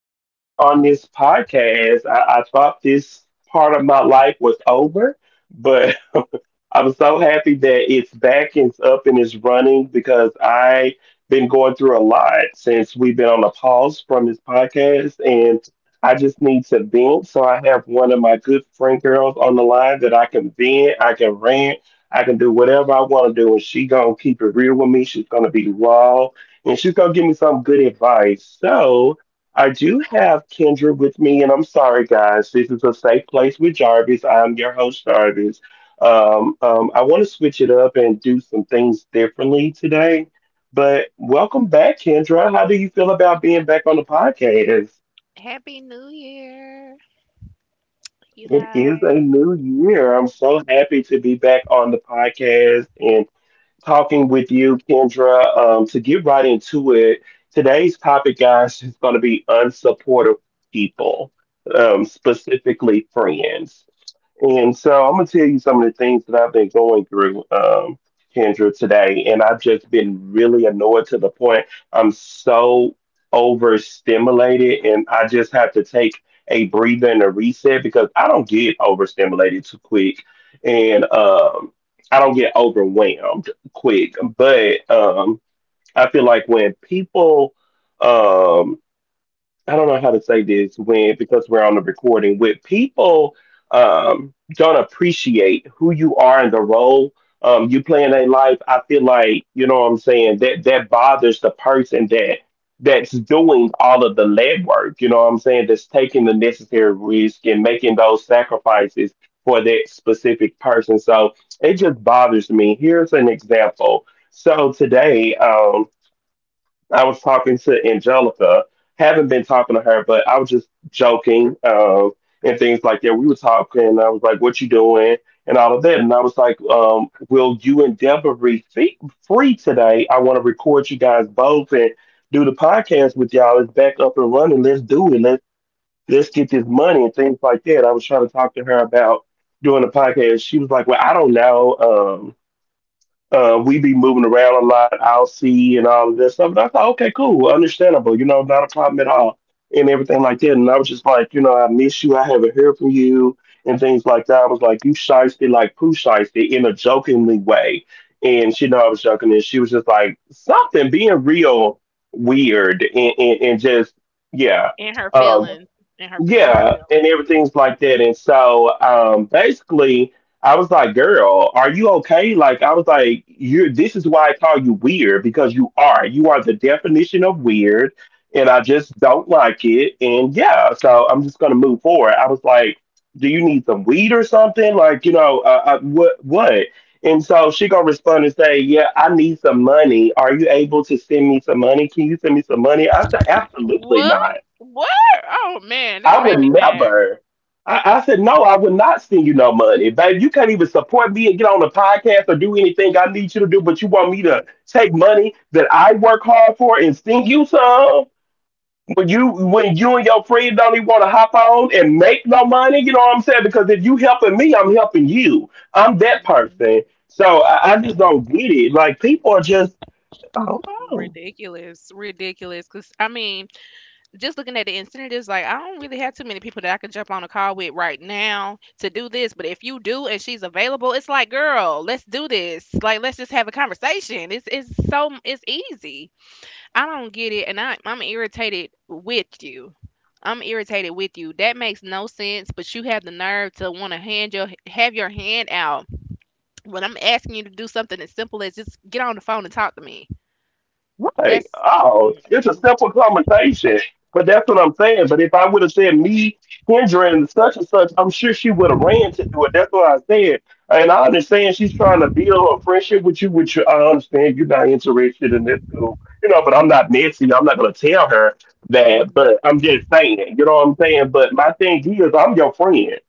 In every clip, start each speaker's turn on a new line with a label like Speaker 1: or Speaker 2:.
Speaker 1: to be back on this podcast. I thought this part of my life was over, but I'm so happy that it's back and it's up and it's running because I've been going through a lot since we've been on a pause from this podcast, and I just need to vent. So I have one of my good friend girls on the line that I can vent, I can rant, I can do whatever I want to do, and she gonna keep it real with me. She's gonna be raw and she's gonna give me some good advice. So I do have Kendra with me, and I'm sorry, guys. This is a safe place with Jarvis. I'm your host, Jarvis. I want to switch it up and do some things differently today. But welcome back, Kendra. How do you feel about being back on the podcast?
Speaker 2: Happy New Year, you
Speaker 1: It is a
Speaker 2: guys.
Speaker 1: new year. I'm so happy to be back on the podcast and talking with you, Kendra. To get right into it, today's topic, guys, is going to be unsupportive people, specifically friends. And so I'm gonna tell you some of the things that I've been going through, Kendra, today, and I've just been really annoyed to the point I'm so overstimulated, and I just have to take a breather and a reset because I don't get overstimulated too quick, and I don't get overwhelmed quick. But I feel like when people um, I don't know how to say this when because we're on the recording with people don't appreciate who you are and the role you play in their life. I feel like, you know what I'm saying, that bothers the person that that's doing all of the legwork. You know what I'm saying, that's taking the necessary risk and making those sacrifices for that specific person. So it just bothers me. Here's an example. So today. I was talking to Angelica. Haven't been talking to her, but I was just joking, and things like that. We were talking. I was like, "What you doing?" and all of that. And I was like, "Will you and Deborah be free today? I want to record you guys both and do the podcast with y'all. It's back up and running. Let's do it. Let's get this money and things like that." I was trying to talk to her about doing the podcast. She was like, "Well, I don't know. We be moving around a lot, I'll see," and all of that stuff. And I thought, okay, cool, understandable, you know, not a problem at all, and everything like that. And I was just like, you know, I miss you, I haven't heard from you, and things like that. I was like, you shiesty, like poo shiesty, in a jokingly way. And she know I was joking, and she was just like, something being real weird, and just, yeah.
Speaker 2: In her
Speaker 1: um,
Speaker 2: feelings. In her feelings.
Speaker 1: yeah, yeah, and everything's like that. And so basically I was like, girl, are you okay? Like I was like, you're this is why I call you weird, because you are. You are the definition of weird and I just don't like it. And yeah, so I'm just gonna move forward. I was like, do you need some weed or something? Like, you know, what? And so she gonna respond and say, "Yeah, I need some money. Are you able to send me some money? Can you send me some money?" I said, "Absolutely
Speaker 2: What?
Speaker 1: not."
Speaker 2: What? Oh man, this
Speaker 1: I
Speaker 2: made
Speaker 1: would
Speaker 2: me mad.
Speaker 1: never. I said, no, I would not send you no money. Babe, you can't even support me and get on the podcast or do anything I need you to do, but you want me to take money that I work hard for and send you some? When you and your friend don't even want to hop on and make no money, you know what I'm saying? Because if you helping me, I'm helping you. I'm that
Speaker 2: Hmm.
Speaker 1: person. So I just don't get it. Like people are just I don't know.
Speaker 2: Ridiculous, ridiculous. Cause I mean, just looking at the incentives, like I don't really have too many people that I can jump on a call with right now to do this. But if you do and she's available, it's like, girl, let's do this. Like, let's just have a conversation. It's so it's easy. I don't get it, and I'm irritated with you. I'm irritated with you. That makes no sense, but you have the nerve to want to hand your have your hand out when I'm asking you to do something as simple as just get on the phone and talk to me.
Speaker 1: Like,
Speaker 2: That's
Speaker 1: oh, it's a
Speaker 2: mm,
Speaker 1: simple conversation. But that's what I'm saying. But if I would have said me, Kendra, and such, I'm sure she would have ran to do it. That's what I said. And I understand she's trying to build a friendship with you, which I understand you're not interested in this. So, you know, but I'm not messy. I'm not going to tell her that.
Speaker 2: mm,
Speaker 1: But I'm just saying, you know what I'm saying? But my thing is, I'm your friend.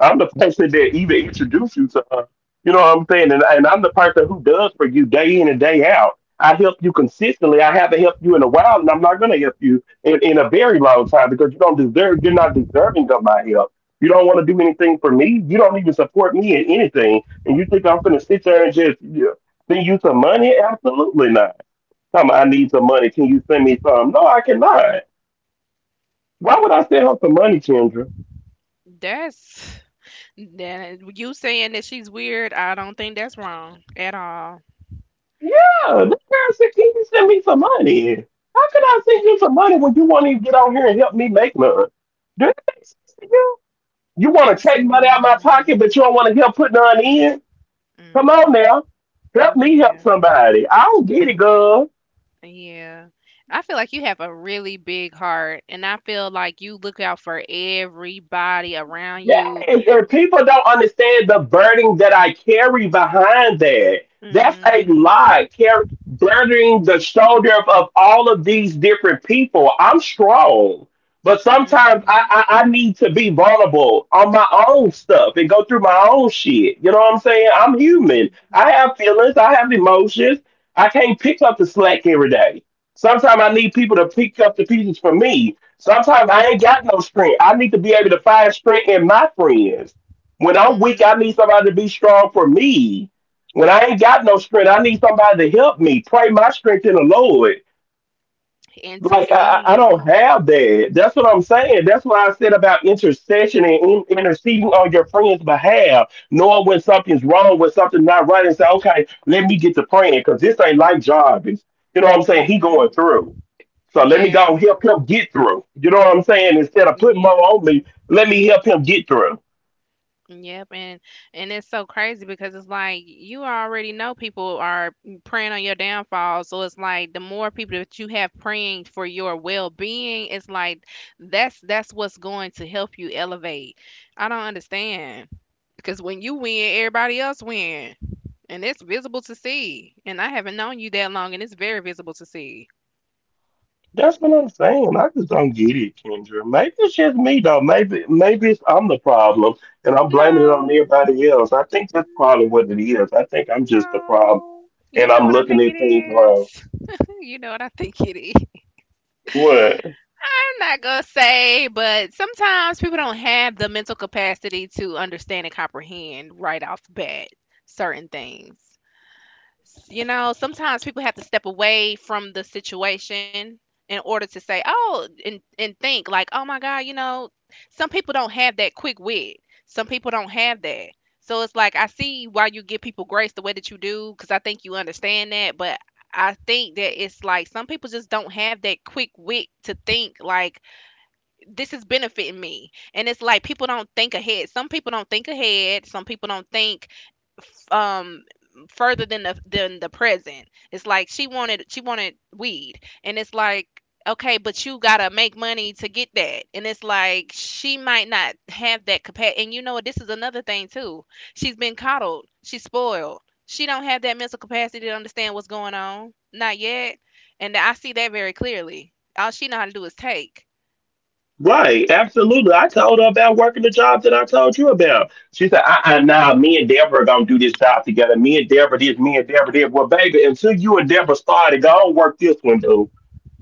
Speaker 1: I'm the person that even introduced you to her. You know what I'm saying? And I'm the person who does for you day in and day out. I help you consistently. I haven't helped you in a while, and I'm not going to help you in a very long time because you don't deserve. You're not deserving of my help. You don't want to do anything for me. You don't even support me in anything, and you think I'm going to sit there and just, yeah, send you some money? Absolutely not. Tell me I need some money. Can you send me some? No, I cannot. Why would I send her some money, Chandra?
Speaker 2: that's that you saying that she's weird. I don't think that's wrong at all.
Speaker 1: Yeah, this guy said, "Can you send me some money?" How can I send you some money when you won't even get out here and help me make none? Do that make sense to you? You want to take money
Speaker 2: Absolutely
Speaker 1: out of my
Speaker 2: not.
Speaker 1: pocket, but you don't want to help put none in? Come on
Speaker 2: Mm-mm.
Speaker 1: now. Help me help
Speaker 2: Yeah.
Speaker 1: somebody. I don't get it, girl.
Speaker 2: Yeah. I feel like you have a really big heart, and I feel like you look out for everybody around
Speaker 1: Yes,
Speaker 2: you.
Speaker 1: and people don't understand the burden that I carry behind that. That's a
Speaker 2: Mhm.
Speaker 1: lot. Car- burdening the shoulder of all of these different people. I'm strong, but sometimes I,
Speaker 2: Mhm.
Speaker 1: I need to be vulnerable on my own stuff and go through my own shit. You know what I'm saying? I'm human. I
Speaker 2: Mhm.
Speaker 1: have feelings. I have emotions. I can't pick up the slack every day. Sometimes I need people to pick up the pieces for me. Sometimes I ain't got no strength. I need to be able to find strength in my friends. When I'm weak, I
Speaker 2: Mhm.
Speaker 1: need somebody to be strong for me. When I ain't got no strength, I need somebody to help me. Pray my strength in the Lord. Like I, I
Speaker 2: Intercede.
Speaker 1: don't have that. That's what I'm saying. That's why I said about intercession and interceding on your friend's behalf, knowing when something's wrong, when something's not right, and say, okay, let me get to praying because this ain't like Jarvis. You know what I'm saying? He going
Speaker 2: Mhm.
Speaker 1: through. So let me go
Speaker 2: Yeah.
Speaker 1: and help him get through. You know what I'm saying? Instead of putting more
Speaker 2: Yeah.
Speaker 1: on me, let me help him get through.
Speaker 2: Yep, and it's so crazy because it's like you already know people are preying on your downfall. So it's like the more people that you have praying for your well-being, it's like that's what's going to help you elevate. I don't understand because when you win, everybody else win, and it's visible to see. And I haven't known you that long, and it's very visible to see.
Speaker 1: That's what I'm saying. I just don't get it, Kendra. Maybe it's just me though. Maybe it's I'm the problem and I'm blaming it on
Speaker 2: No.
Speaker 1: everybody else. I think that's probably what it
Speaker 2: Mm.
Speaker 1: is. I think I'm just the problem
Speaker 2: No, you
Speaker 1: and
Speaker 2: know
Speaker 1: I'm
Speaker 2: what I
Speaker 1: looking
Speaker 2: think it
Speaker 1: at things wrong.
Speaker 2: is. You know what I think it is.
Speaker 1: What?
Speaker 2: I'm not gonna say, but sometimes people don't have the mental capacity to understand and comprehend right off the bat certain things. You know, sometimes people have to step away from the situation in order to say, oh, and think like, oh my God, you know, some people don't have that quick wit. Some people don't have that. So it's like, I see why you give people grace the way that you do, because I think you understand that. But I think that it's like some people just don't have that quick wit to think like, this is benefiting me, and it's like people don't think ahead, some people don't think ahead, some people don't think, um further than the present. It's like she wanted weed, and it's like, okay, but you gotta make money to get that, and it's like she might not have that capacity. And you know what, this is another thing too, she's been coddled, she's spoiled, she don't have that mental capacity to understand what's going on, not yet, and I see that very clearly. All she know how to do is take.
Speaker 1: Right, absolutely. I told her about working the job that I told you about. She said, "I now me and Deborah are gonna do this job together. Me and Deborah this, me and Deborah that. Well, baby, until you and Deborah started, go and work this one, dude.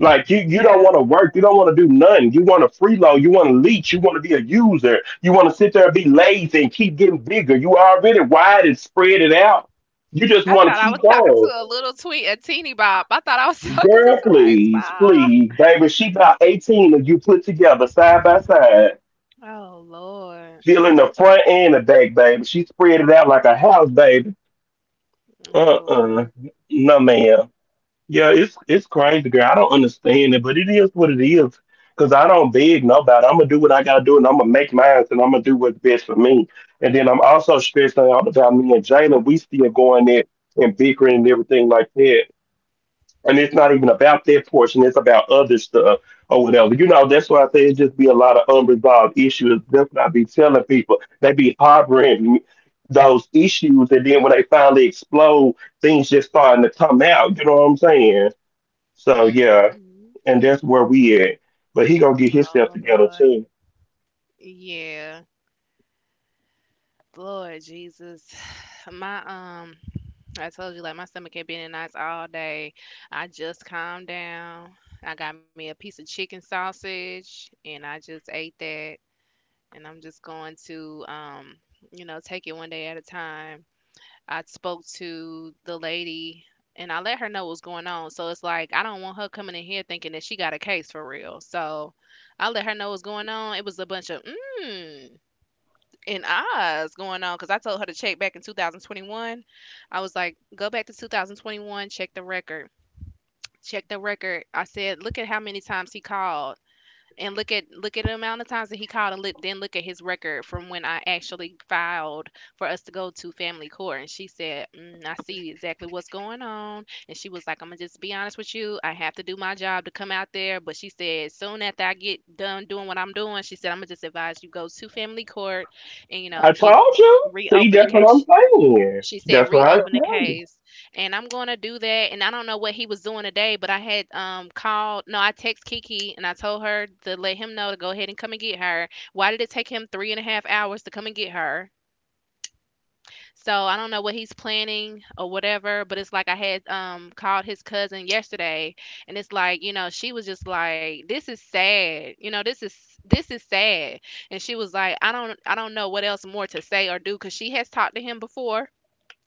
Speaker 1: Like you don't
Speaker 2: Yeah.
Speaker 1: want to work. You don't want to do nothing. You want to freeload. You want to leech. You want to be a user. You want to sit there and be lazy and keep getting bigger. You already wide and spread it out. You just
Speaker 2: I
Speaker 1: want to
Speaker 2: thought I
Speaker 1: keep
Speaker 2: was talking to
Speaker 1: going."
Speaker 2: a little tweet, a teeny bop. I thought I was talking to
Speaker 1: Girl,
Speaker 2: somebody
Speaker 1: please,
Speaker 2: small.
Speaker 1: please, baby. She about 18, and you put together side by side.
Speaker 2: Oh Lord.
Speaker 1: Healing the front and the back, baby. She spread it out like a house, baby.
Speaker 2: Mm.
Speaker 1: Uh-uh.
Speaker 2: Lord.
Speaker 1: No, ma'am. Yeah, it's crazy, girl. I don't understand it, but it is what it is. Cause I don't beg nobody. I'm gonna do what I gotta do, and I'm gonna make mine, and I'm gonna do what's best for me. And then I'm also stressing out about me and Jalen. We still going there and bickering and everything like that, and it's not even about their portion; it's about other stuff or whatever. You know, that's why I say it just be a lot of unresolved issues. That's what I be telling people. They be harboring those issues, and then when they finally explode, things just starting to come out. You know what I'm saying? So yeah,
Speaker 2: Hmm.
Speaker 1: and that's where we at. But he gonna get
Speaker 2: Oh
Speaker 1: himself together
Speaker 2: Lord.
Speaker 1: too.
Speaker 2: Yeah. Lord Jesus. my I told you like my stomach had been in knots all day. I just calmed down. I got me a piece of chicken sausage, and I just ate that. And I'm just going to, you know, take it one day at a time. I spoke to the lady and I let her know what was going on. So it's like I don't want her coming in here thinking that she got a case for real. So I let her know what's going on. It was a bunch of mm and ahs going on because I told her to check back in 2021. I was like, go back to 2021, check the record. Check the record. I said, look at how many times he called, and look at the amount of times that he called, and look, then look at his record from when I actually filed for us to go to family court. And she said, "I see exactly what's going on." And she was like, "I'm gonna just be honest with you. I have to do my job to come out there." But she said, "Soon after I get done doing what I'm doing," she said, "I'm gonna just advise you go to family court and
Speaker 1: I
Speaker 2: get
Speaker 1: told you. See,
Speaker 2: reopen the
Speaker 1: that's what I'm
Speaker 2: case."
Speaker 1: saying.
Speaker 2: She said
Speaker 1: That's what I
Speaker 2: reopen the
Speaker 1: tell you.
Speaker 2: case, and I'm going to do that. And I don't know what he was doing today, but I had called. No, I text Kiki and I told her to let him know to go ahead and come and get her. Why did it take him 3.5 hours to come and get her? So I don't know what he's planning or whatever. But it's like I had called his cousin yesterday, and it's like, you know, she was just like, this is sad. You know, this is sad, and she was like, I don't know what else more to say or do, because she has talked to him before.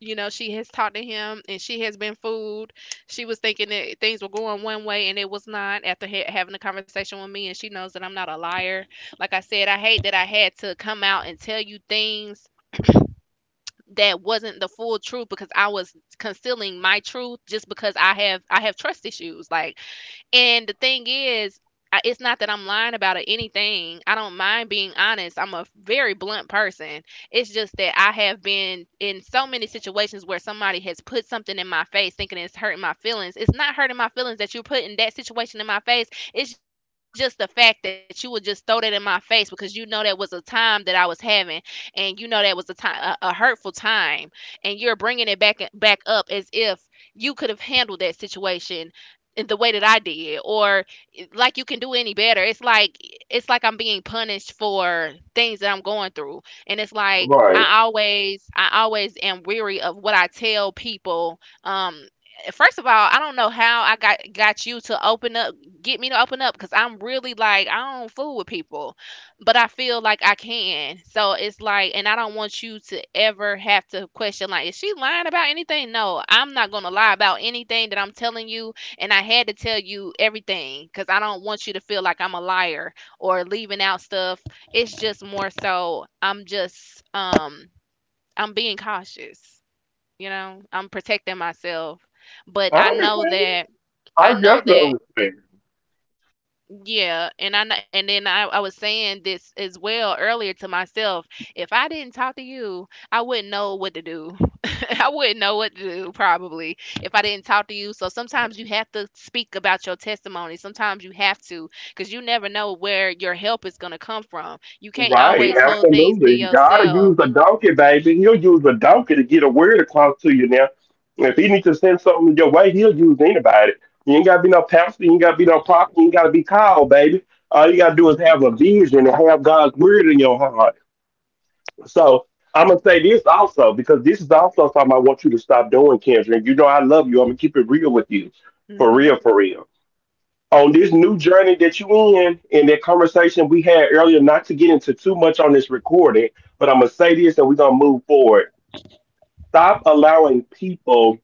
Speaker 2: You know, she has talked to him, and she has been fooled. She was thinking that things were going one way, and it was not, after having a conversation with me, and she knows that I'm not a liar. Like I said, I hate that I had to come out and tell you things that wasn't the full truth, because I was concealing my truth just because I have trust issues, like. And the thing is, it's not that I'm lying about it, anything. I don't mind being honest. I'm a very blunt person. It's just that I have been in so many situations where somebody has put something in my face thinking it's hurting my feelings. It's not hurting my feelings that you're putting that situation in my face. It's just the fact that you would just throw that in my face because you know that was a time that I was having, and you know that was a time, a hurtful time, and you're bringing it back up as if you could have handled that situation in the way that I did, or like you can do any better. It's like I'm being punished for things that I'm going through. And it's like
Speaker 1: Right.
Speaker 2: I always am weary of what I tell people. First of all, I don't know how I got you to open up, get me to open up, cuz I'm really like I don't fool with people, but I feel like I can. So it's like, and I don't want you to ever have to question like, is she lying about anything? No, I'm not going to lie about anything that I'm telling you, and I had to tell you everything because I don't want you to feel like I'm a liar or leaving out stuff. It's just more so I'm just, I'm being cautious. You know, I'm protecting myself. But
Speaker 1: I
Speaker 2: I know
Speaker 1: understand.
Speaker 2: that.
Speaker 1: I
Speaker 2: I know
Speaker 1: definitely
Speaker 2: that.
Speaker 1: understand.
Speaker 2: Yeah, and I know, and then I was saying this as well earlier to myself. If I didn't talk to you, I wouldn't know what to do. I wouldn't know what to do, probably, if I didn't talk to you. So sometimes you have to speak about your testimony. Sometimes you have to, because you never know where your help is going to come from. You can't
Speaker 1: Right,
Speaker 2: always hold things
Speaker 1: absolutely.
Speaker 2: to
Speaker 1: God will use a
Speaker 2: yourself.
Speaker 1: donkey, baby. He'll use a donkey to get a word across to you now. If he needs to send something your way, he'll use anybody. You ain't got to be no pastor, you ain't got to be no prophet, you ain't got to be called, baby. All you got to do is have a
Speaker 2: Mhm.
Speaker 1: vision and have God's word in your heart. So I'm going to say this also, because this is also something I want you to stop doing, Kendra. And you know I love you. I'm going to keep it real with you. For
Speaker 2: Mhm.
Speaker 1: real on this new journey
Speaker 2: Mhm.
Speaker 1: that you in and that conversation we had earlier, not to get into too much on this recording, but I'm gonna say this and we're gonna move forward. Stop allowing people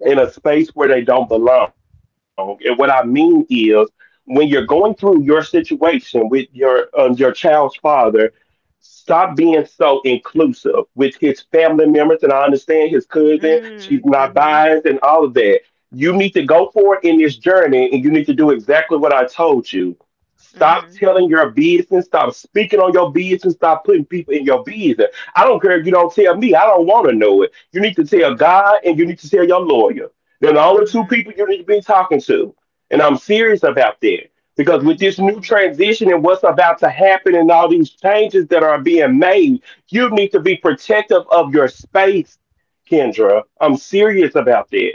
Speaker 1: in a space where they don't belong. And what I mean is, when you're going through your situation with your child's father, stop being so inclusive with his family members. And I understand his cousin; she's
Speaker 2: Mm.
Speaker 1: not biased
Speaker 2: Mhm.
Speaker 1: and all of that. You need to go forward in this journey, and you need to do exactly what I told you. Stop telling
Speaker 2: Mhm.
Speaker 1: your business. Stop speaking on your business. Stop putting people in your business. I don't care if you don't tell me. I don't want to know it. You need to tell God
Speaker 2: Mhm.
Speaker 1: and you need to tell your lawyer. They're the only two people you
Speaker 2: Mhm.
Speaker 1: need to be talking to. And I'm serious about that. Because with this new
Speaker 2: Mhm.
Speaker 1: transition and what's about to happen and all these changes that are being made, you need to be protective of your space, Kendra. I'm serious about that.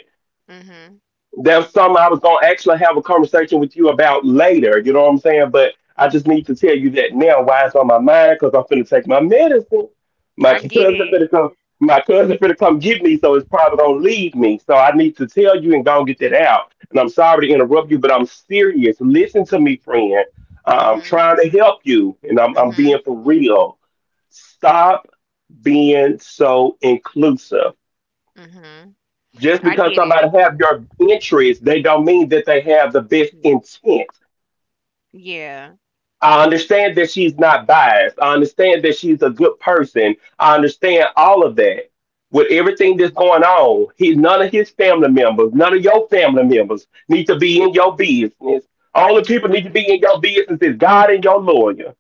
Speaker 2: Mhm.
Speaker 1: There's something I was gonna actually have a conversation with you about later. You know what I'm saying? But I just need to tell you that now. Why it's on my mind? Because I'm finna take my medicine. My
Speaker 2: I
Speaker 1: cousin
Speaker 2: get
Speaker 1: finna come.
Speaker 2: it.
Speaker 1: My cousin finna come get me, so it's probably gonna leave me. So I need to tell you and go and get that out. And I'm sorry to interrupt you, but I'm serious. Listen to me, friend. I'm trying to
Speaker 2: Mhm.
Speaker 1: help you, and I'm being for
Speaker 2: Mhm.
Speaker 1: real. Stop being so inclusive
Speaker 2: Mhm.
Speaker 1: just because
Speaker 2: I
Speaker 1: somebody
Speaker 2: get it.
Speaker 1: have your interest, they don't mean that they have the best
Speaker 2: Y-
Speaker 1: intent.
Speaker 2: Yeah.
Speaker 1: I understand that she's not biased. I understand that she's a good person. I understand all of that. With everything that's going on, he none of his family members, none of your family members need to be in your business. Only people need to be in your
Speaker 2: Mhm.
Speaker 1: business is God and your lawyer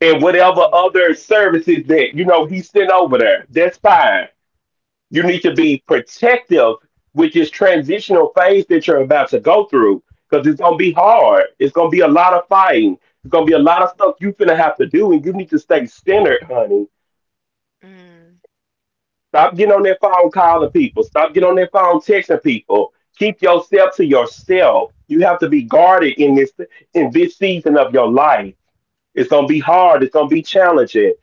Speaker 1: and whatever other
Speaker 2: Yeah.
Speaker 1: services that you know he sent over there. That's fine. You need to be protective with this transitional phase that you're about to go through because it's going to be hard. It's going to be a lot of fighting. It's going to be a lot of stuff you're going to have to do, and you need to stay centered, honey.
Speaker 2: Mm,
Speaker 1: Stop getting on that phone calling people. Stop getting on that phone texting people. Keep yourself to yourself. You have to be guarded in this season of your life. It's gonna be hard. It's gonna be challenging.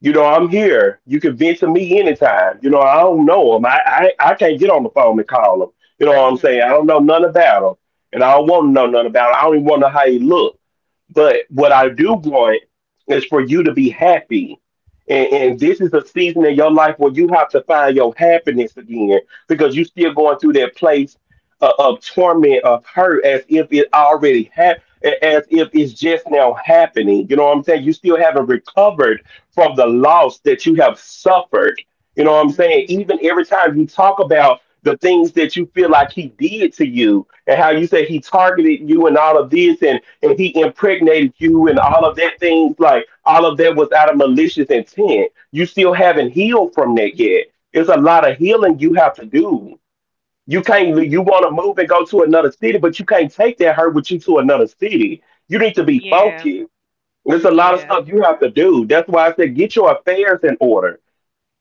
Speaker 1: You know, I'm here. You can vent to me anytime. You know, I don't know him. I can't get on the phone and call him. You know what I'm saying? I don't
Speaker 2: mhm.
Speaker 1: know none about him. And I don't want to know none about him. I don't even want to know how he look. But what I do want is for you to be happy. And this is a season in your life where you have to find your happiness again because you still going through that place of torment, of hurt, as if it already happened, as if it's just now happening. You know what I'm saying? You still haven't recovered from the loss that you have suffered. You know what I'm saying? Even
Speaker 2: Mhm.
Speaker 1: every time you talk about the things that you feel like he did to you and how you say he targeted you and all of this and he impregnated you and all of that things, like all of that was out of malicious intent. You still haven't healed from that yet. It's a lot of healing you have to do. You can't, you want to
Speaker 2: Mhm.
Speaker 1: move and go to another city, but you can't take that hurt with you to another city. You need to be
Speaker 2: Yeah,
Speaker 1: focused. There's a lot of stuff
Speaker 2: yeah.
Speaker 1: you have to do. That's why I said get your affairs in order.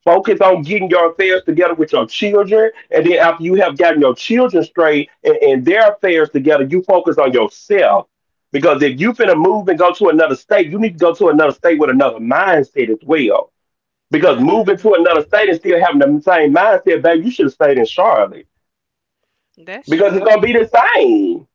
Speaker 1: Focus on getting your affairs together with your children. And then after you have gotten your children straight and their affairs together, you focus on yourself. Because if you finna move and go to another state, you need to go to another state with another mindset as well. Because moving to
Speaker 2: Hmm.
Speaker 1: another state and still having the same mindset, baby, you should have stayed in Charlotte.
Speaker 2: That's
Speaker 1: Because it's gonna
Speaker 2: true.
Speaker 1: be the same.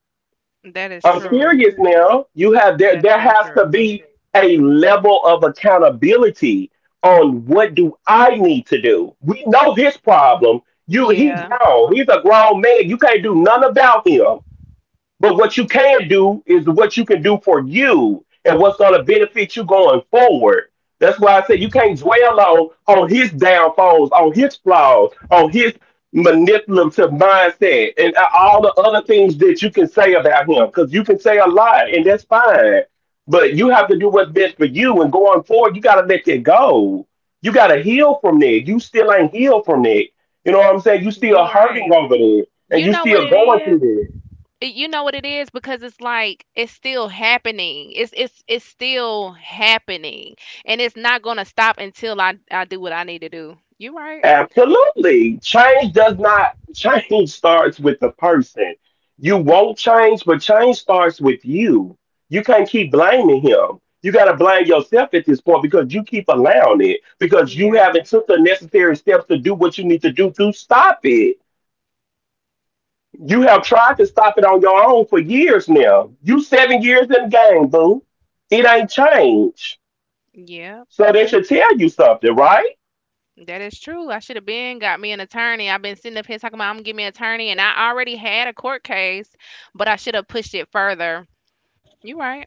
Speaker 2: That is
Speaker 1: I'm
Speaker 2: true.
Speaker 1: serious now. You have
Speaker 2: That's
Speaker 1: there
Speaker 2: so
Speaker 1: has to
Speaker 2: true.
Speaker 1: be a level of accountability on what do I need to do. We know this problem. You he
Speaker 2: Yeah,
Speaker 1: grown. He's a grown man. You can't do nothing about him. But what you can do is what you can do for you and what's going to benefit you going forward. That's why I said you can't dwell on his downfalls, on his flaws, on his manipulative mindset, and all the other things that you can say about him. Because you can say a lot, and that's fine. But you have to do what's best for you. And going forward, you got to let that go. You got to heal from that. You still ain't healed from that. You know what I'm saying? You still
Speaker 2: you're
Speaker 1: hurting
Speaker 2: right.
Speaker 1: over there, and
Speaker 2: You
Speaker 1: you
Speaker 2: know what
Speaker 1: still
Speaker 2: it
Speaker 1: going through
Speaker 2: is?
Speaker 1: that.
Speaker 2: You know what it is, because it's like it's still happening. It's still happening. And it's not gonna stop until I do what I need to do. You right.
Speaker 1: Absolutely. Change does not, change starts with the person. You won't change, but change starts with you. You can't keep blaming him. You got to blame yourself at this point because you keep allowing it because you
Speaker 2: Yeah,
Speaker 1: haven't took the necessary steps to do what you need to do to stop it. You have tried to stop it on your own for years now. You 7 years in the game, boo. It ain't changed.
Speaker 2: yeah,
Speaker 1: So they should tell you something, right?
Speaker 2: that is true. I should have been got me an attorney. I've been sitting up here talking about I'm gonna get me an attorney, and I already had a court case, but I should have pushed it further. You right.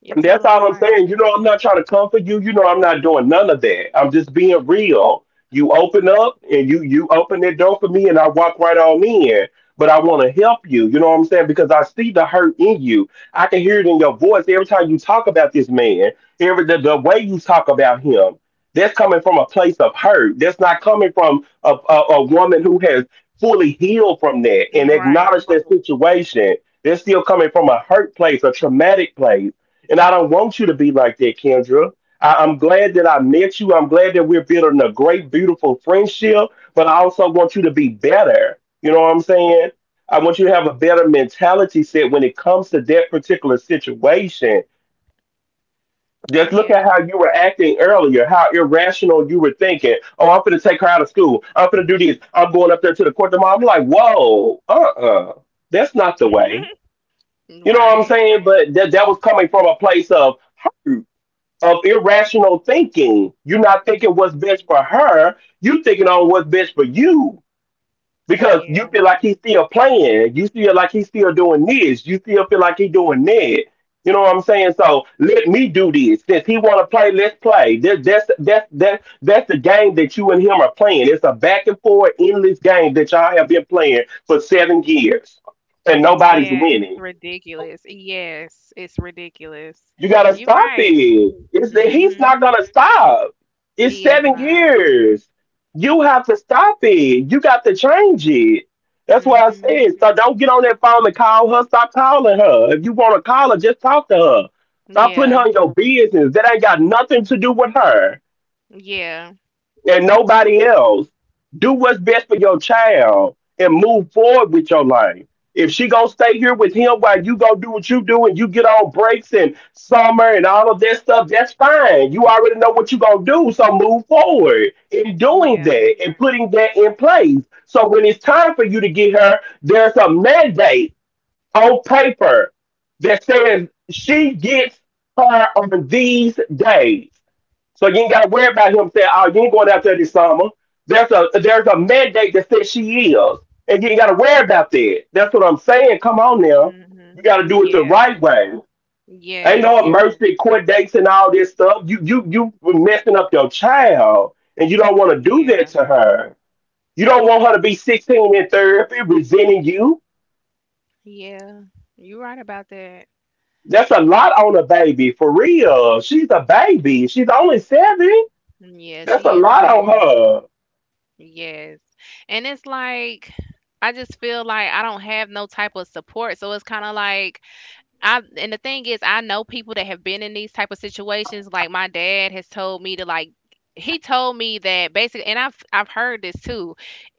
Speaker 2: You're
Speaker 1: And that's
Speaker 2: totally
Speaker 1: all I'm
Speaker 2: right.
Speaker 1: saying. You know, I'm not trying to comfort you. You know, I'm not doing none of that. I'm just being real. You open up and you open that door for me and I walk right on in. But I want to help you. You know what I'm saying? Because I see the hurt in you. I can hear it in your voice every time you talk about this man. Every the way you talk about him. That's coming from a place of hurt. That's not coming from a woman who has fully healed from that and
Speaker 2: Mm. Right.
Speaker 1: acknowledged that situation. They're still coming from a hurt place, a traumatic place and I don't want you to be like that, Kendra. I'm glad that I met you. I'm glad that we're building a great, beautiful friendship, but I also want you to be better. You know what I'm saying? I want you to have a better mentality set when it comes to that particular situation. Just look at
Speaker 2: Yeah.
Speaker 1: how you were acting earlier, how irrational you were thinking. Oh, I'm going to take her out of school. I'm going to do this. I'm going up there to the court tomorrow. I'm like, whoa, uh. That's not the way. You know what I'm
Speaker 2: Right.
Speaker 1: saying? But that was coming from a place of hurt, of irrational thinking. You're not thinking what's
Speaker 2: Hmm.
Speaker 1: best for her. You thinking on what's best for you because you
Speaker 2: Yeah.
Speaker 1: feel like he's still playing. You feel like he's still doing this. You still feel like he's doing that. You know what I'm saying? So let me do this. Since he want to play, let's play. That's the game that you and him are playing. It's a back and forth, endless game that y'all have been playing for 7 years, and nobody's
Speaker 2: Yeah, it's
Speaker 1: winning.
Speaker 2: ridiculous. Yes, it's ridiculous.
Speaker 1: You gotta
Speaker 2: You're
Speaker 1: stop
Speaker 2: right.
Speaker 1: it. It's that he's
Speaker 2: Mhm.
Speaker 1: not gonna stop. It's
Speaker 2: He is
Speaker 1: seven
Speaker 2: not.
Speaker 1: years. You have to stop it. You got to change it. That's why I
Speaker 2: Mhm.
Speaker 1: said. So don't get on that phone and call her. Stop calling her. If you want to call her, just talk to her. Stop putting
Speaker 2: Yeah.
Speaker 1: her in your business. That ain't got nothing to do with her
Speaker 2: Yeah.
Speaker 1: and nobody else. Do what's best for your child and move forward with your life. If she gonna stay here with him while you go do what you do and you get on breaks and summer and all of that stuff, that's fine. You already know what you gonna do, so move forward in doing
Speaker 2: Yeah.
Speaker 1: that and putting that in place. So when it's time for you to get her, there's a mandate on paper that says she gets her on these days. So you ain't got to worry about him saying, "Oh, you ain't going out there this summer." There's a mandate that says she is, and you ain't got to worry about that. That's what I'm saying. Come on now, you
Speaker 2: Mhm.
Speaker 1: got to do it the
Speaker 2: Yeah.
Speaker 1: right way. Ain't no
Speaker 2: Yes.
Speaker 1: emergency court dates and all this stuff. You messing up your child, and you don't want to do that
Speaker 2: Yeah.
Speaker 1: to her. You don't want her to be 16 in therapy resenting you.
Speaker 2: Yeah. You're right about that.
Speaker 1: That's a lot on a baby, for real. She's a baby. She's only seven.
Speaker 2: Mm. Yeah,
Speaker 1: That's
Speaker 2: she
Speaker 1: a
Speaker 2: is a
Speaker 1: lot on
Speaker 2: baby.
Speaker 1: her.
Speaker 2: Yes. And it's like, I just feel like I don't have no type of support. So it's kind of like, I and the thing is, I know people that have been in these type of situations, like my dad has told me to, like, he told me that, basically, and I've heard this too,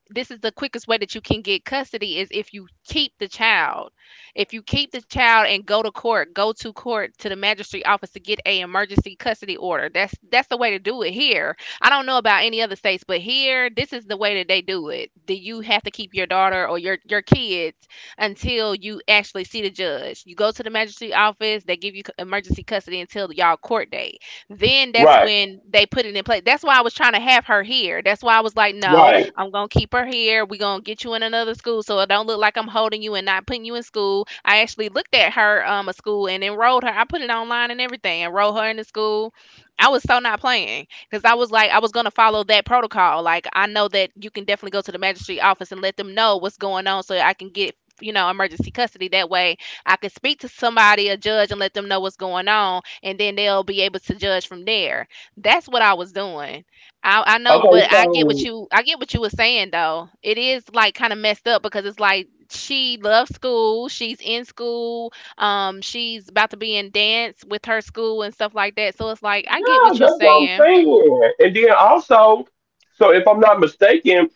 Speaker 2: this is the quickest way that you can get custody is if you keep the child. If you keep the child and go to court to the magistrate office to get a emergency custody order. That's the way to do it here. I don't know about any other states, but here this is the way that they do it. Do you have to keep your daughter or your kids until you actually see the judge? You go to the magistrate office, they give you emergency custody until y'all court date. Then that's
Speaker 1: Right,
Speaker 2: when they put it in place. That's why I was trying to have her here. That's why I was like, no,
Speaker 1: right.
Speaker 2: I'm gonna keep her here. We're gonna get you in another school so it don't look like I'm holding you and not putting you in school. I actually looked at her a school and enrolled her. I put it online and everything, enrolled her in the school. I was so not playing because I was like, I was gonna follow that protocol. Like I know that you can definitely go to the magistrate office and let them know what's going on so I can get emergency custody that way. I can speak to somebody, a judge, and let them know what's going on, and then they'll be able to judge from there. That's what I was doing. I know,
Speaker 1: Okay,
Speaker 2: but I get what
Speaker 1: so
Speaker 2: you— I get what you were saying though. It is like kind of messed up because it's like she loves school, she's in school, she's about to be in dance with her school and stuff like that. So it's like I get what
Speaker 1: yeah,
Speaker 2: you're
Speaker 1: that's what I'm
Speaker 2: saying.
Speaker 1: saying. And then also, so if I'm not mistaken,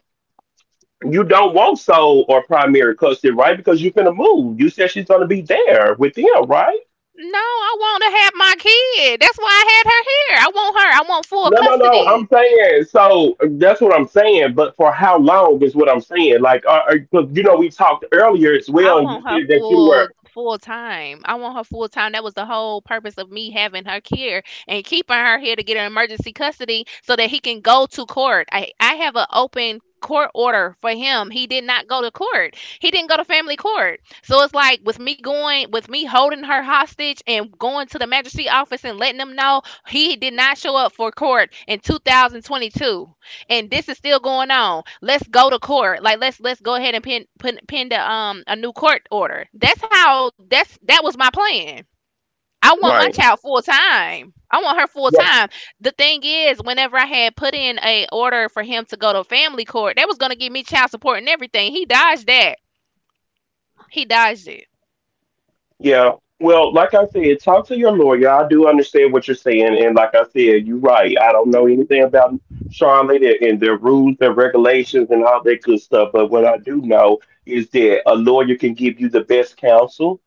Speaker 1: you don't want Soul or primary custody, right? Because you're gonna move. You said she's gonna be there with them, right?
Speaker 2: No, I want to have my kid. That's why I had her here. I want her. I want full
Speaker 1: No, no, no. I'm
Speaker 2: custody.
Speaker 1: saying so. That's what I'm saying. But for how long is what I'm saying? Like, 'cause, you know, we talked earlier as
Speaker 2: I
Speaker 1: well, and you
Speaker 2: want her
Speaker 1: said that you were
Speaker 2: full time. I want her full time. That was the whole purpose of me having her here and keeping her here to get her emergency custody so that he can go to court. I have an open court order for him. He did not go to court. He didn't go to family court. So it's like with me going, with me holding her hostage and going to the magistrate office and letting them know he did not show up for court in 2022 and this is still going on. Let's go to court. Like let's go ahead and pin the, a new court order. That's how that's That was my plan. I want my
Speaker 1: right.
Speaker 2: child full time. I want her full time. The thing is, whenever I had put in a order for him to go to family court, that was gonna give me child support and everything. He dodged that. He dodged it.
Speaker 1: Yeah. Well, like I said, talk to your lawyer. I do understand what you're saying, and like I said, you're right. I don't know anything about Charlotte and their rules, their regulations, and all that good stuff. But what I do know is that a lawyer can give you the best counsel.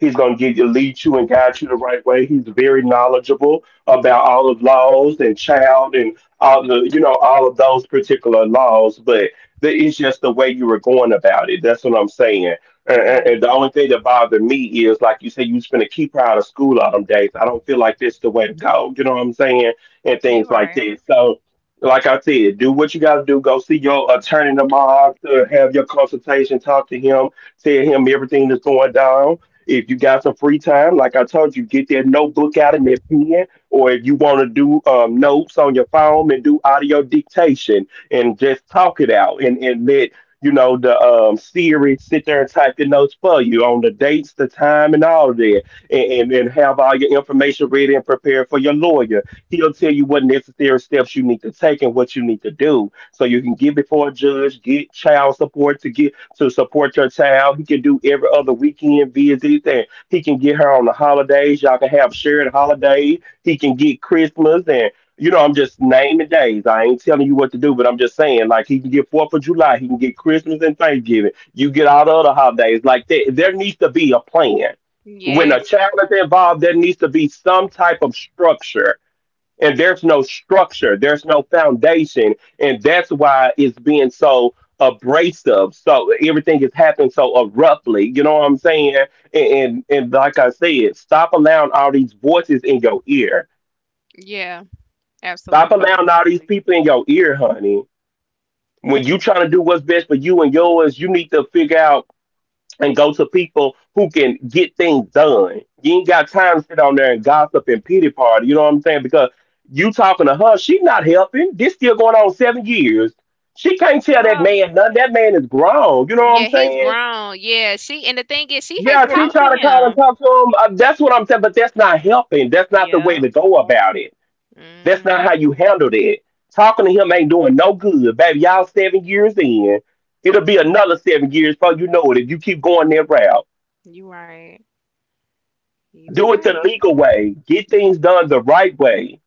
Speaker 1: He's gonna give you, lead you, and guide you the right way. He's very knowledgeable about all of laws and child and all the, you know, all of those particular laws. But the, it's just the way you were going about it. That's what I'm saying. And
Speaker 2: Yeah,
Speaker 1: the only thing that bothered me is, like you say, you spend a keeper out of school all them days. I don't feel like this the way to go. You know what I'm saying? And things
Speaker 2: you're
Speaker 1: like
Speaker 2: right.
Speaker 1: this. So, like I said, do what you got to do. Go see your attorney tomorrow to have your consultation. Talk to him. Tell him everything that's going down. If you got some free time, like I told you, get that notebook out and that pen, or if you want to do notes on your phone and do audio dictation and just talk it out and let you know, the Siri sit there and type the notes for you on the dates, the time, and all of that, and have all your information ready and prepared for your lawyer. He'll tell you what necessary steps you need to take and what you need to do. So you can get before a judge, get child support to get to support your child. He can do every other weekend visits, and he can get her on the holidays. Y'all can have shared holiday. He can get Christmas and, you know, I'm just naming days. I ain't telling you what to do, but I'm just saying, like, he can get 4th of July, he can get Christmas and Thanksgiving. You get all the other holidays like that. There needs to be a plan. When a
Speaker 2: Yes.
Speaker 1: child is involved, there needs to be some type of structure. And there's no structure, there's no foundation. And that's why it's being so abrasive. So everything is happening so abruptly. You know what I'm saying? And like I said, stop allowing all these voices in your ear.
Speaker 2: Yeah,
Speaker 1: Stop
Speaker 2: absolutely.
Speaker 1: allowing all these people in your ear, honey. When you trying to do what's best for you and yours, you need to figure out and go to people who can get things done. You ain't got time to sit on there and gossip and pity party. You know what I'm saying? Because you talking to her, she not helping. This still going on 7 years. She can't tell that
Speaker 2: Well,
Speaker 1: man nothing. That man is grown. You know what I'm
Speaker 2: yeah, he's
Speaker 1: saying?
Speaker 2: grown. Yeah, she— and the thing is she has
Speaker 1: Yeah, she
Speaker 2: talked to
Speaker 1: try to call and
Speaker 2: him.
Speaker 1: talk to him. That's what I'm saying. But that's not helping. That's not the way
Speaker 2: Yeah.
Speaker 1: to go about it. That's not how
Speaker 2: Mhm.
Speaker 1: you handled it. Talking to him ain't doing no good, baby. Y'all 7 years in. It'll be another 7 years before you know it if you keep going that route.
Speaker 2: You right. You
Speaker 1: Do it the
Speaker 2: right.
Speaker 1: legal way. Get things done the right way.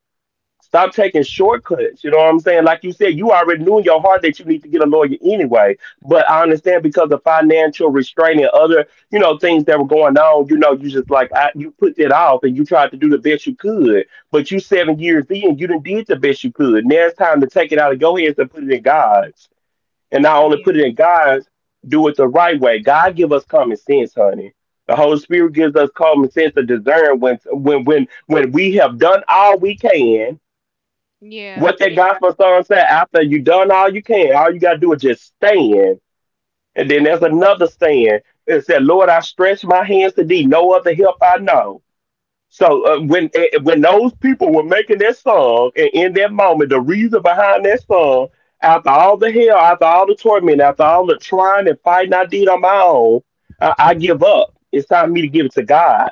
Speaker 1: Stop taking shortcuts. You know what I'm saying? Like you said, you already knew in your heart that you need to get a lawyer anyway. But I understand because of financial restraint and other, you know, things that were going on. You know, you just like I, you put that off and you tried to do the best you could. But you 7 years in, you done did the best you could. Now it's time to take it out of your hands and put it in God's. And not only put it
Speaker 2: Yeah.
Speaker 1: in God's, do it the right way. God give us common sense, honey. The Holy Spirit gives us common sense to discern when we have done all we can.
Speaker 2: Yeah.
Speaker 1: What that gospel song said: after you done all you can, all you got to do is just stand. And then there's another stand. It said, "Lord, I stretch my hands to thee, no other help I know." So when when those people were making that song and in that moment, the reason behind that song, after all the hell, after all the torment, after all the trying and fighting I did on my own, I give up. It's time for me to give it to God,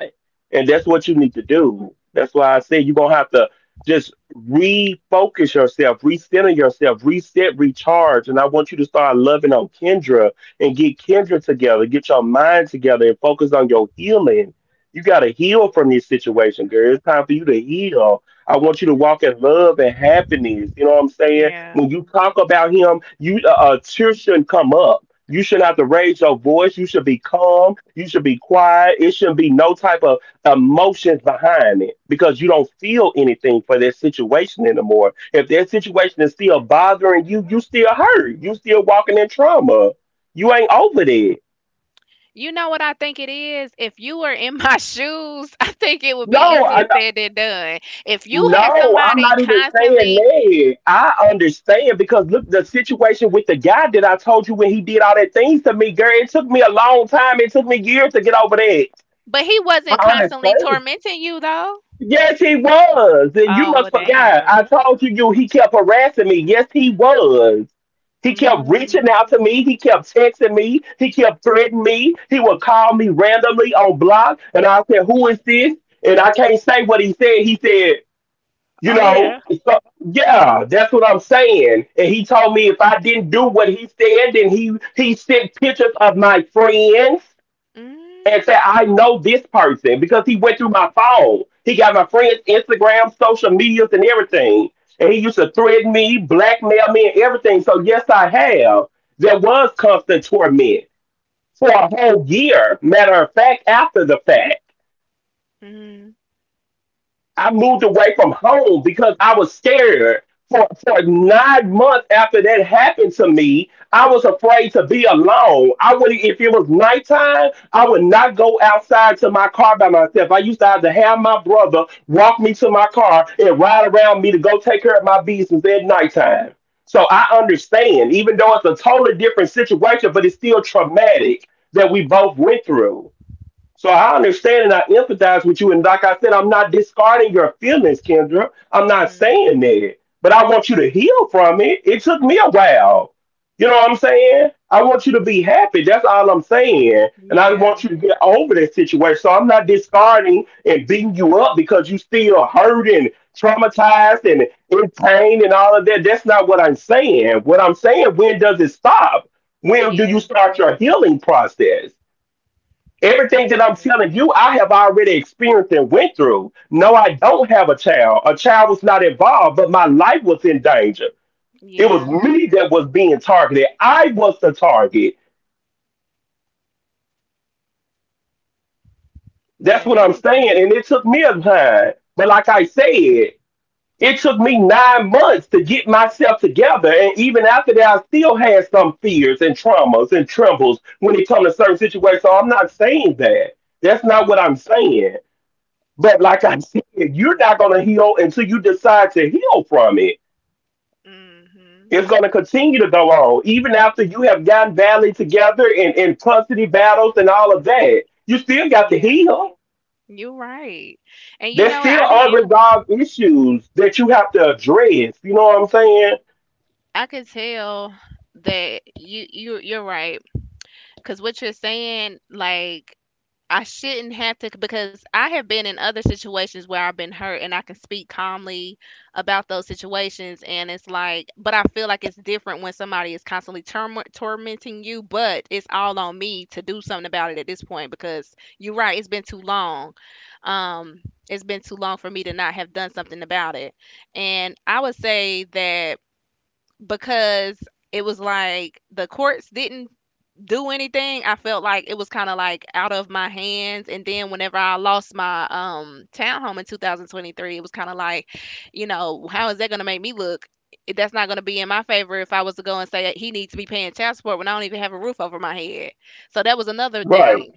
Speaker 1: and that's what you need to do. That's why I said you're gonna have to just refocus yourself, recenter yourself, reset, recharge. And I want you to start loving on Kendra and get Kendra together, get your mind together, and focus on your healing. You got to heal from this situation, girl. It's time for you to heal. I want you to walk in love and happiness. You know what I'm saying?
Speaker 2: Yeah.
Speaker 1: When you talk about him, you tears shouldn't come up. You shouldn't have to raise your voice. You should be calm. You should be quiet. It shouldn't be no type of emotions behind it because you don't feel anything for that situation anymore. If that situation is still bothering you, you still hurt. You still walking in trauma. You ain't over that.
Speaker 2: You know what I think it is? If you were in my shoes, I think it would be
Speaker 1: No, I.
Speaker 2: easier said than done. If you had
Speaker 1: No, I'm
Speaker 2: somebody
Speaker 1: not even saying
Speaker 2: constantly,
Speaker 1: that. I understand because look, the situation with the guy that I told you when he did all that things to me, girl, it took me a long time. It took me years to get over that.
Speaker 2: but he wasn't
Speaker 1: I under-
Speaker 2: constantly tormenting you though.
Speaker 1: Yes, he was. And you
Speaker 2: Oh,
Speaker 1: must
Speaker 2: well
Speaker 1: forgot.
Speaker 2: damn.
Speaker 1: I told you, he kept harassing me. Yes, he was. He kept reaching
Speaker 2: Mm.
Speaker 1: out to me. He kept texting me. He kept threatening me. He would call me randomly on block, and I said, "Who is this?" And I can't say what he said. He said. You
Speaker 2: Oh
Speaker 1: know,
Speaker 2: yeah.
Speaker 1: so, yeah, that's what I'm saying. And he told me if I didn't do what he said, then he sent pictures of my friends and said
Speaker 2: Mm.
Speaker 1: I know this person because he went through my phone. He got my friends' Instagram, social medias, and everything. And he used to threaten me, blackmail me, and everything. So yes, I have. There was constant torment for a whole year. Matter of fact, after the fact.
Speaker 2: Mhm.
Speaker 1: I moved away from home because I was scared. For 9 months after that happened to me, I was afraid to be alone. I would, if it was nighttime, I would not go outside to my car by myself. I used to have my brother walk me to my car and ride around me to go take care of my business at nighttime. So I understand, even though it's a totally different situation, but it's still traumatic that we both went through. So I understand and I empathize with you. And like I said, I'm not discarding your feelings, Kendra. I'm not
Speaker 2: Mhm.
Speaker 1: saying that. But I want you to heal from it. It took me a while. You know what I'm saying? I want you to be happy. That's all I'm saying. And I want
Speaker 2: Yeah.
Speaker 1: you to get over that situation. So I'm not discarding and beating you up because you still hurt and traumatized and in pain and all of that. That's not what I'm saying. What I'm saying, when does it stop? When do you
Speaker 2: Yeah.
Speaker 1: start your healing process? Everything that I'm
Speaker 2: Yeah.
Speaker 1: telling you, I have already experienced and went through. No, I don't have a child. A child was not involved, but my life was in danger. It was
Speaker 2: Yeah.
Speaker 1: me that was being targeted. I was the target. That's
Speaker 2: Yeah,
Speaker 1: what
Speaker 2: that
Speaker 1: I'm
Speaker 2: makes
Speaker 1: saying.
Speaker 2: sense.
Speaker 1: And it took me a time. But like I said, it took me 9 months to get myself together. And even after that, I still had some fears and traumas and trembles when it comes to certain situations. So I'm not saying that. That's not what I'm saying. But like I said, you're not going to heal until you decide to heal from it.
Speaker 2: Mhm.
Speaker 1: It's going to continue to go on, even after you have gotten valley together and in custody battles and all of that. You still got to
Speaker 2: Yeah.
Speaker 1: heal.
Speaker 2: You're right. And you
Speaker 1: There's
Speaker 2: know what?
Speaker 1: still
Speaker 2: I didn't—
Speaker 1: unresolved issues that you have to address. You know what I'm saying?
Speaker 2: I could tell that you're right. Cause what you're saying, like, I shouldn't have to, because I have been in other situations where I've been hurt and I can speak calmly about those situations. And it's like, but I feel like it's different when somebody is constantly tormenting you. But it's all on me to do something about it at this point, because you're right, it's been too long. um it's been too long for me to not have done something about it. And I would say that because it was like the courts didn't do anything. I felt like it was kind of like out of my hands. And then whenever I lost my townhome in 2023, it was kind of like, you know, how is that going to make me look? It— that's not going to be in my favor if I was to go and say he needs to be paying child support when I don't even have a roof over my head. So that was another
Speaker 1: Right.
Speaker 2: thing.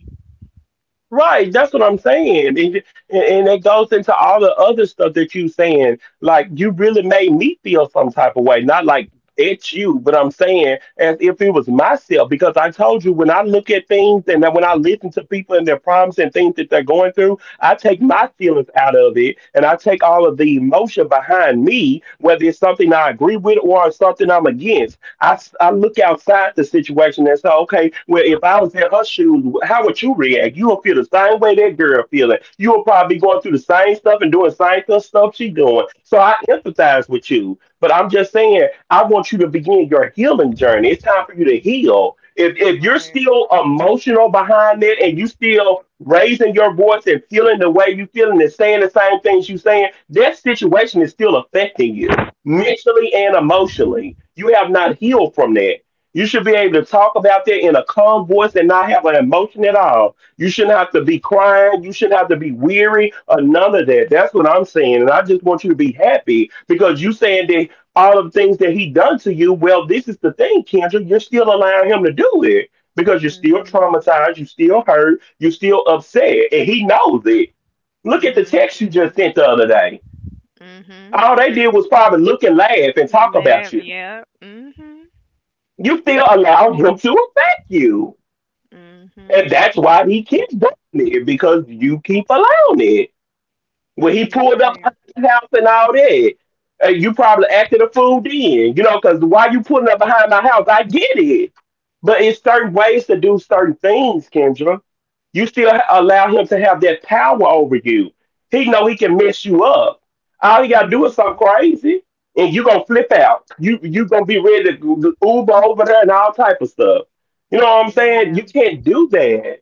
Speaker 1: Right, that's what I'm saying. And it goes into all the other stuff that you saying. Like you really made me feel some type of way. Not like it's you, but I'm saying as if it was myself because I told you when I look at things and then when I listen to people and their problems and things that they're going through, I take my
Speaker 2: Hmm.
Speaker 1: feelings out of it and I take all of the emotion behind me, whether it's something I agree with or something I'm against. I look outside the situation and say, okay, well, if I was in her shoes, how would you react? You will feel the same way that girl feeling. You will probably be going through the same stuff and doing the same stuff, stuff she doing. So I empathize with you, but I'm just saying, I want you to begin your healing journey. It's time for you to
Speaker 2: Hmm.
Speaker 1: heal. If
Speaker 2: You're
Speaker 1: if you're
Speaker 2: right.
Speaker 1: still emotional behind it and you still raising your voice and feeling the way you feeling and saying the same things you saying, that situation is still affecting you mentally and emotionally. You have not healed from that. You should be able to talk about that in a calm voice and not have an emotion at all. You shouldn't have to be crying. You shouldn't have to be weary or none of that. That's what I'm saying. And I just want you to be happy because you saying that all of the things that he done to you, well, this is the thing, Kendra. You're still allowing him to do it because you're still
Speaker 2: Hmm.
Speaker 1: traumatized. You're still hurt. You're still upset. And he knows it. Look at the
Speaker 2: Hmm.
Speaker 1: text you just sent the other day.
Speaker 2: Hmm.
Speaker 1: All they did was probably look and laugh and talk about
Speaker 2: Love,
Speaker 1: you
Speaker 2: yep. Mhm.
Speaker 1: you still allowed him to affect you. And
Speaker 2: Mhm.
Speaker 1: that's why he keeps doing it because you keep allowing it when he
Speaker 2: You
Speaker 1: pulled up
Speaker 2: right.
Speaker 1: at the house and all that, you probably acted a fool then, you know, because why you pulling up behind my house? I get it. But it's certain ways to do certain things, Kendra. You still allow him to have that power over you. He know he can mess you up. All he gotta do is
Speaker 2: Mhm.
Speaker 1: something crazy, and you gonna flip out. You gonna be ready to go Uber over there and all type of stuff. You know what I'm saying?
Speaker 2: Yeah.
Speaker 1: You can't do that.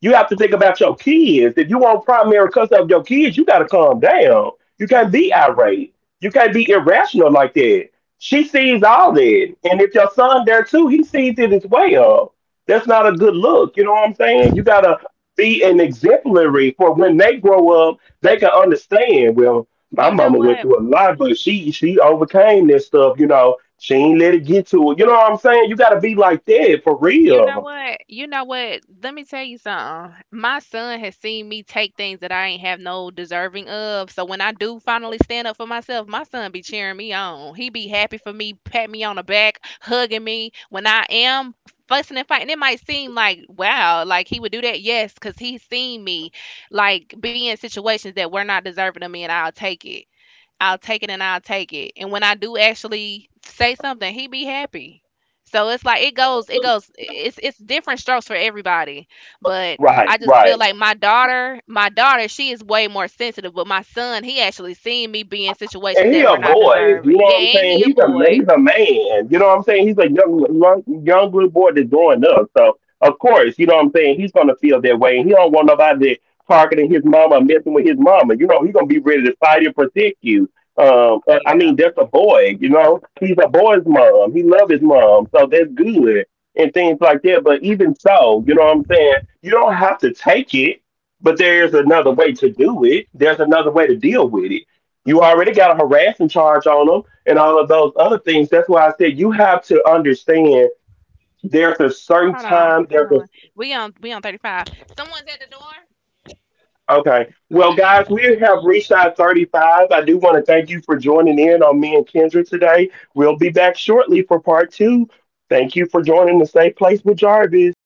Speaker 1: You have to think about your kids. If you want primary custody of your kids, you got to calm down. You can't be
Speaker 2: Mhm.
Speaker 1: irate. You can't be irrational like that. She sees all that. And if your son there too, he sees it as well. That's not a good look. You know what I'm saying? You got to be an exemplary for when they grow up, they can understand. Well,
Speaker 2: You
Speaker 1: my
Speaker 2: know
Speaker 1: mama went
Speaker 2: what?
Speaker 1: through a lot, but she overcame this stuff. You know, she ain't let it get to her. You know what I'm saying? You got to be like that for real.
Speaker 2: You know what? Let me tell you something. My son has seen me take things that I ain't have no deserving of. So when I do finally stand up for myself, my son be cheering me on. He be happy for me, pat me on the back, hugging me when I am fussing and fighting. It might seem like, wow, like he would do that. Yes, because he's seen me like be in situations that were not deserving of me and I'll take it. I'll take it and I'll take it. And when I do actually say something, he be happy. So it's like it's it's different strokes for everybody. But
Speaker 1: Right,
Speaker 2: I just feel
Speaker 1: right.
Speaker 2: like my daughter, she is way more sensitive. But my son, he actually seen me be in
Speaker 1: And
Speaker 2: situations
Speaker 1: he
Speaker 2: that
Speaker 1: a
Speaker 2: were not
Speaker 1: boy. You know
Speaker 2: deserving. Yeah,
Speaker 1: what I'm
Speaker 2: and he
Speaker 1: saying?
Speaker 2: a
Speaker 1: He's a
Speaker 2: boy.
Speaker 1: he's a man. You know what I'm saying? He's a young little boy that's growing up. So of course, you know what I'm saying. He's gonna feel that way, and he don't want nobody targeting his mama, messing with his mama. You know, he's gonna be ready to fight and protect you. I
Speaker 2: Yeah.
Speaker 1: mean, that's a boy. You know, he's a boy's mom. He love his mom, so that's good and things like that. But even so, you know what I'm saying. You don't have to take it, but there is another way to do it. There's another way to deal with it. You already got a harassment charge on them and all of those other things. That's why I said you have to understand there's a certain
Speaker 2: Hold on.
Speaker 1: time,
Speaker 2: Hold
Speaker 1: there's
Speaker 2: on.
Speaker 1: a…
Speaker 2: We on 35. Someone's at the door.
Speaker 1: Okay. Well, guys, we have reached our 35. I do want to thank you for joining in on me and Kendra today. We'll be back shortly for part two. Thank you for joining the Safe Place with Jarvis.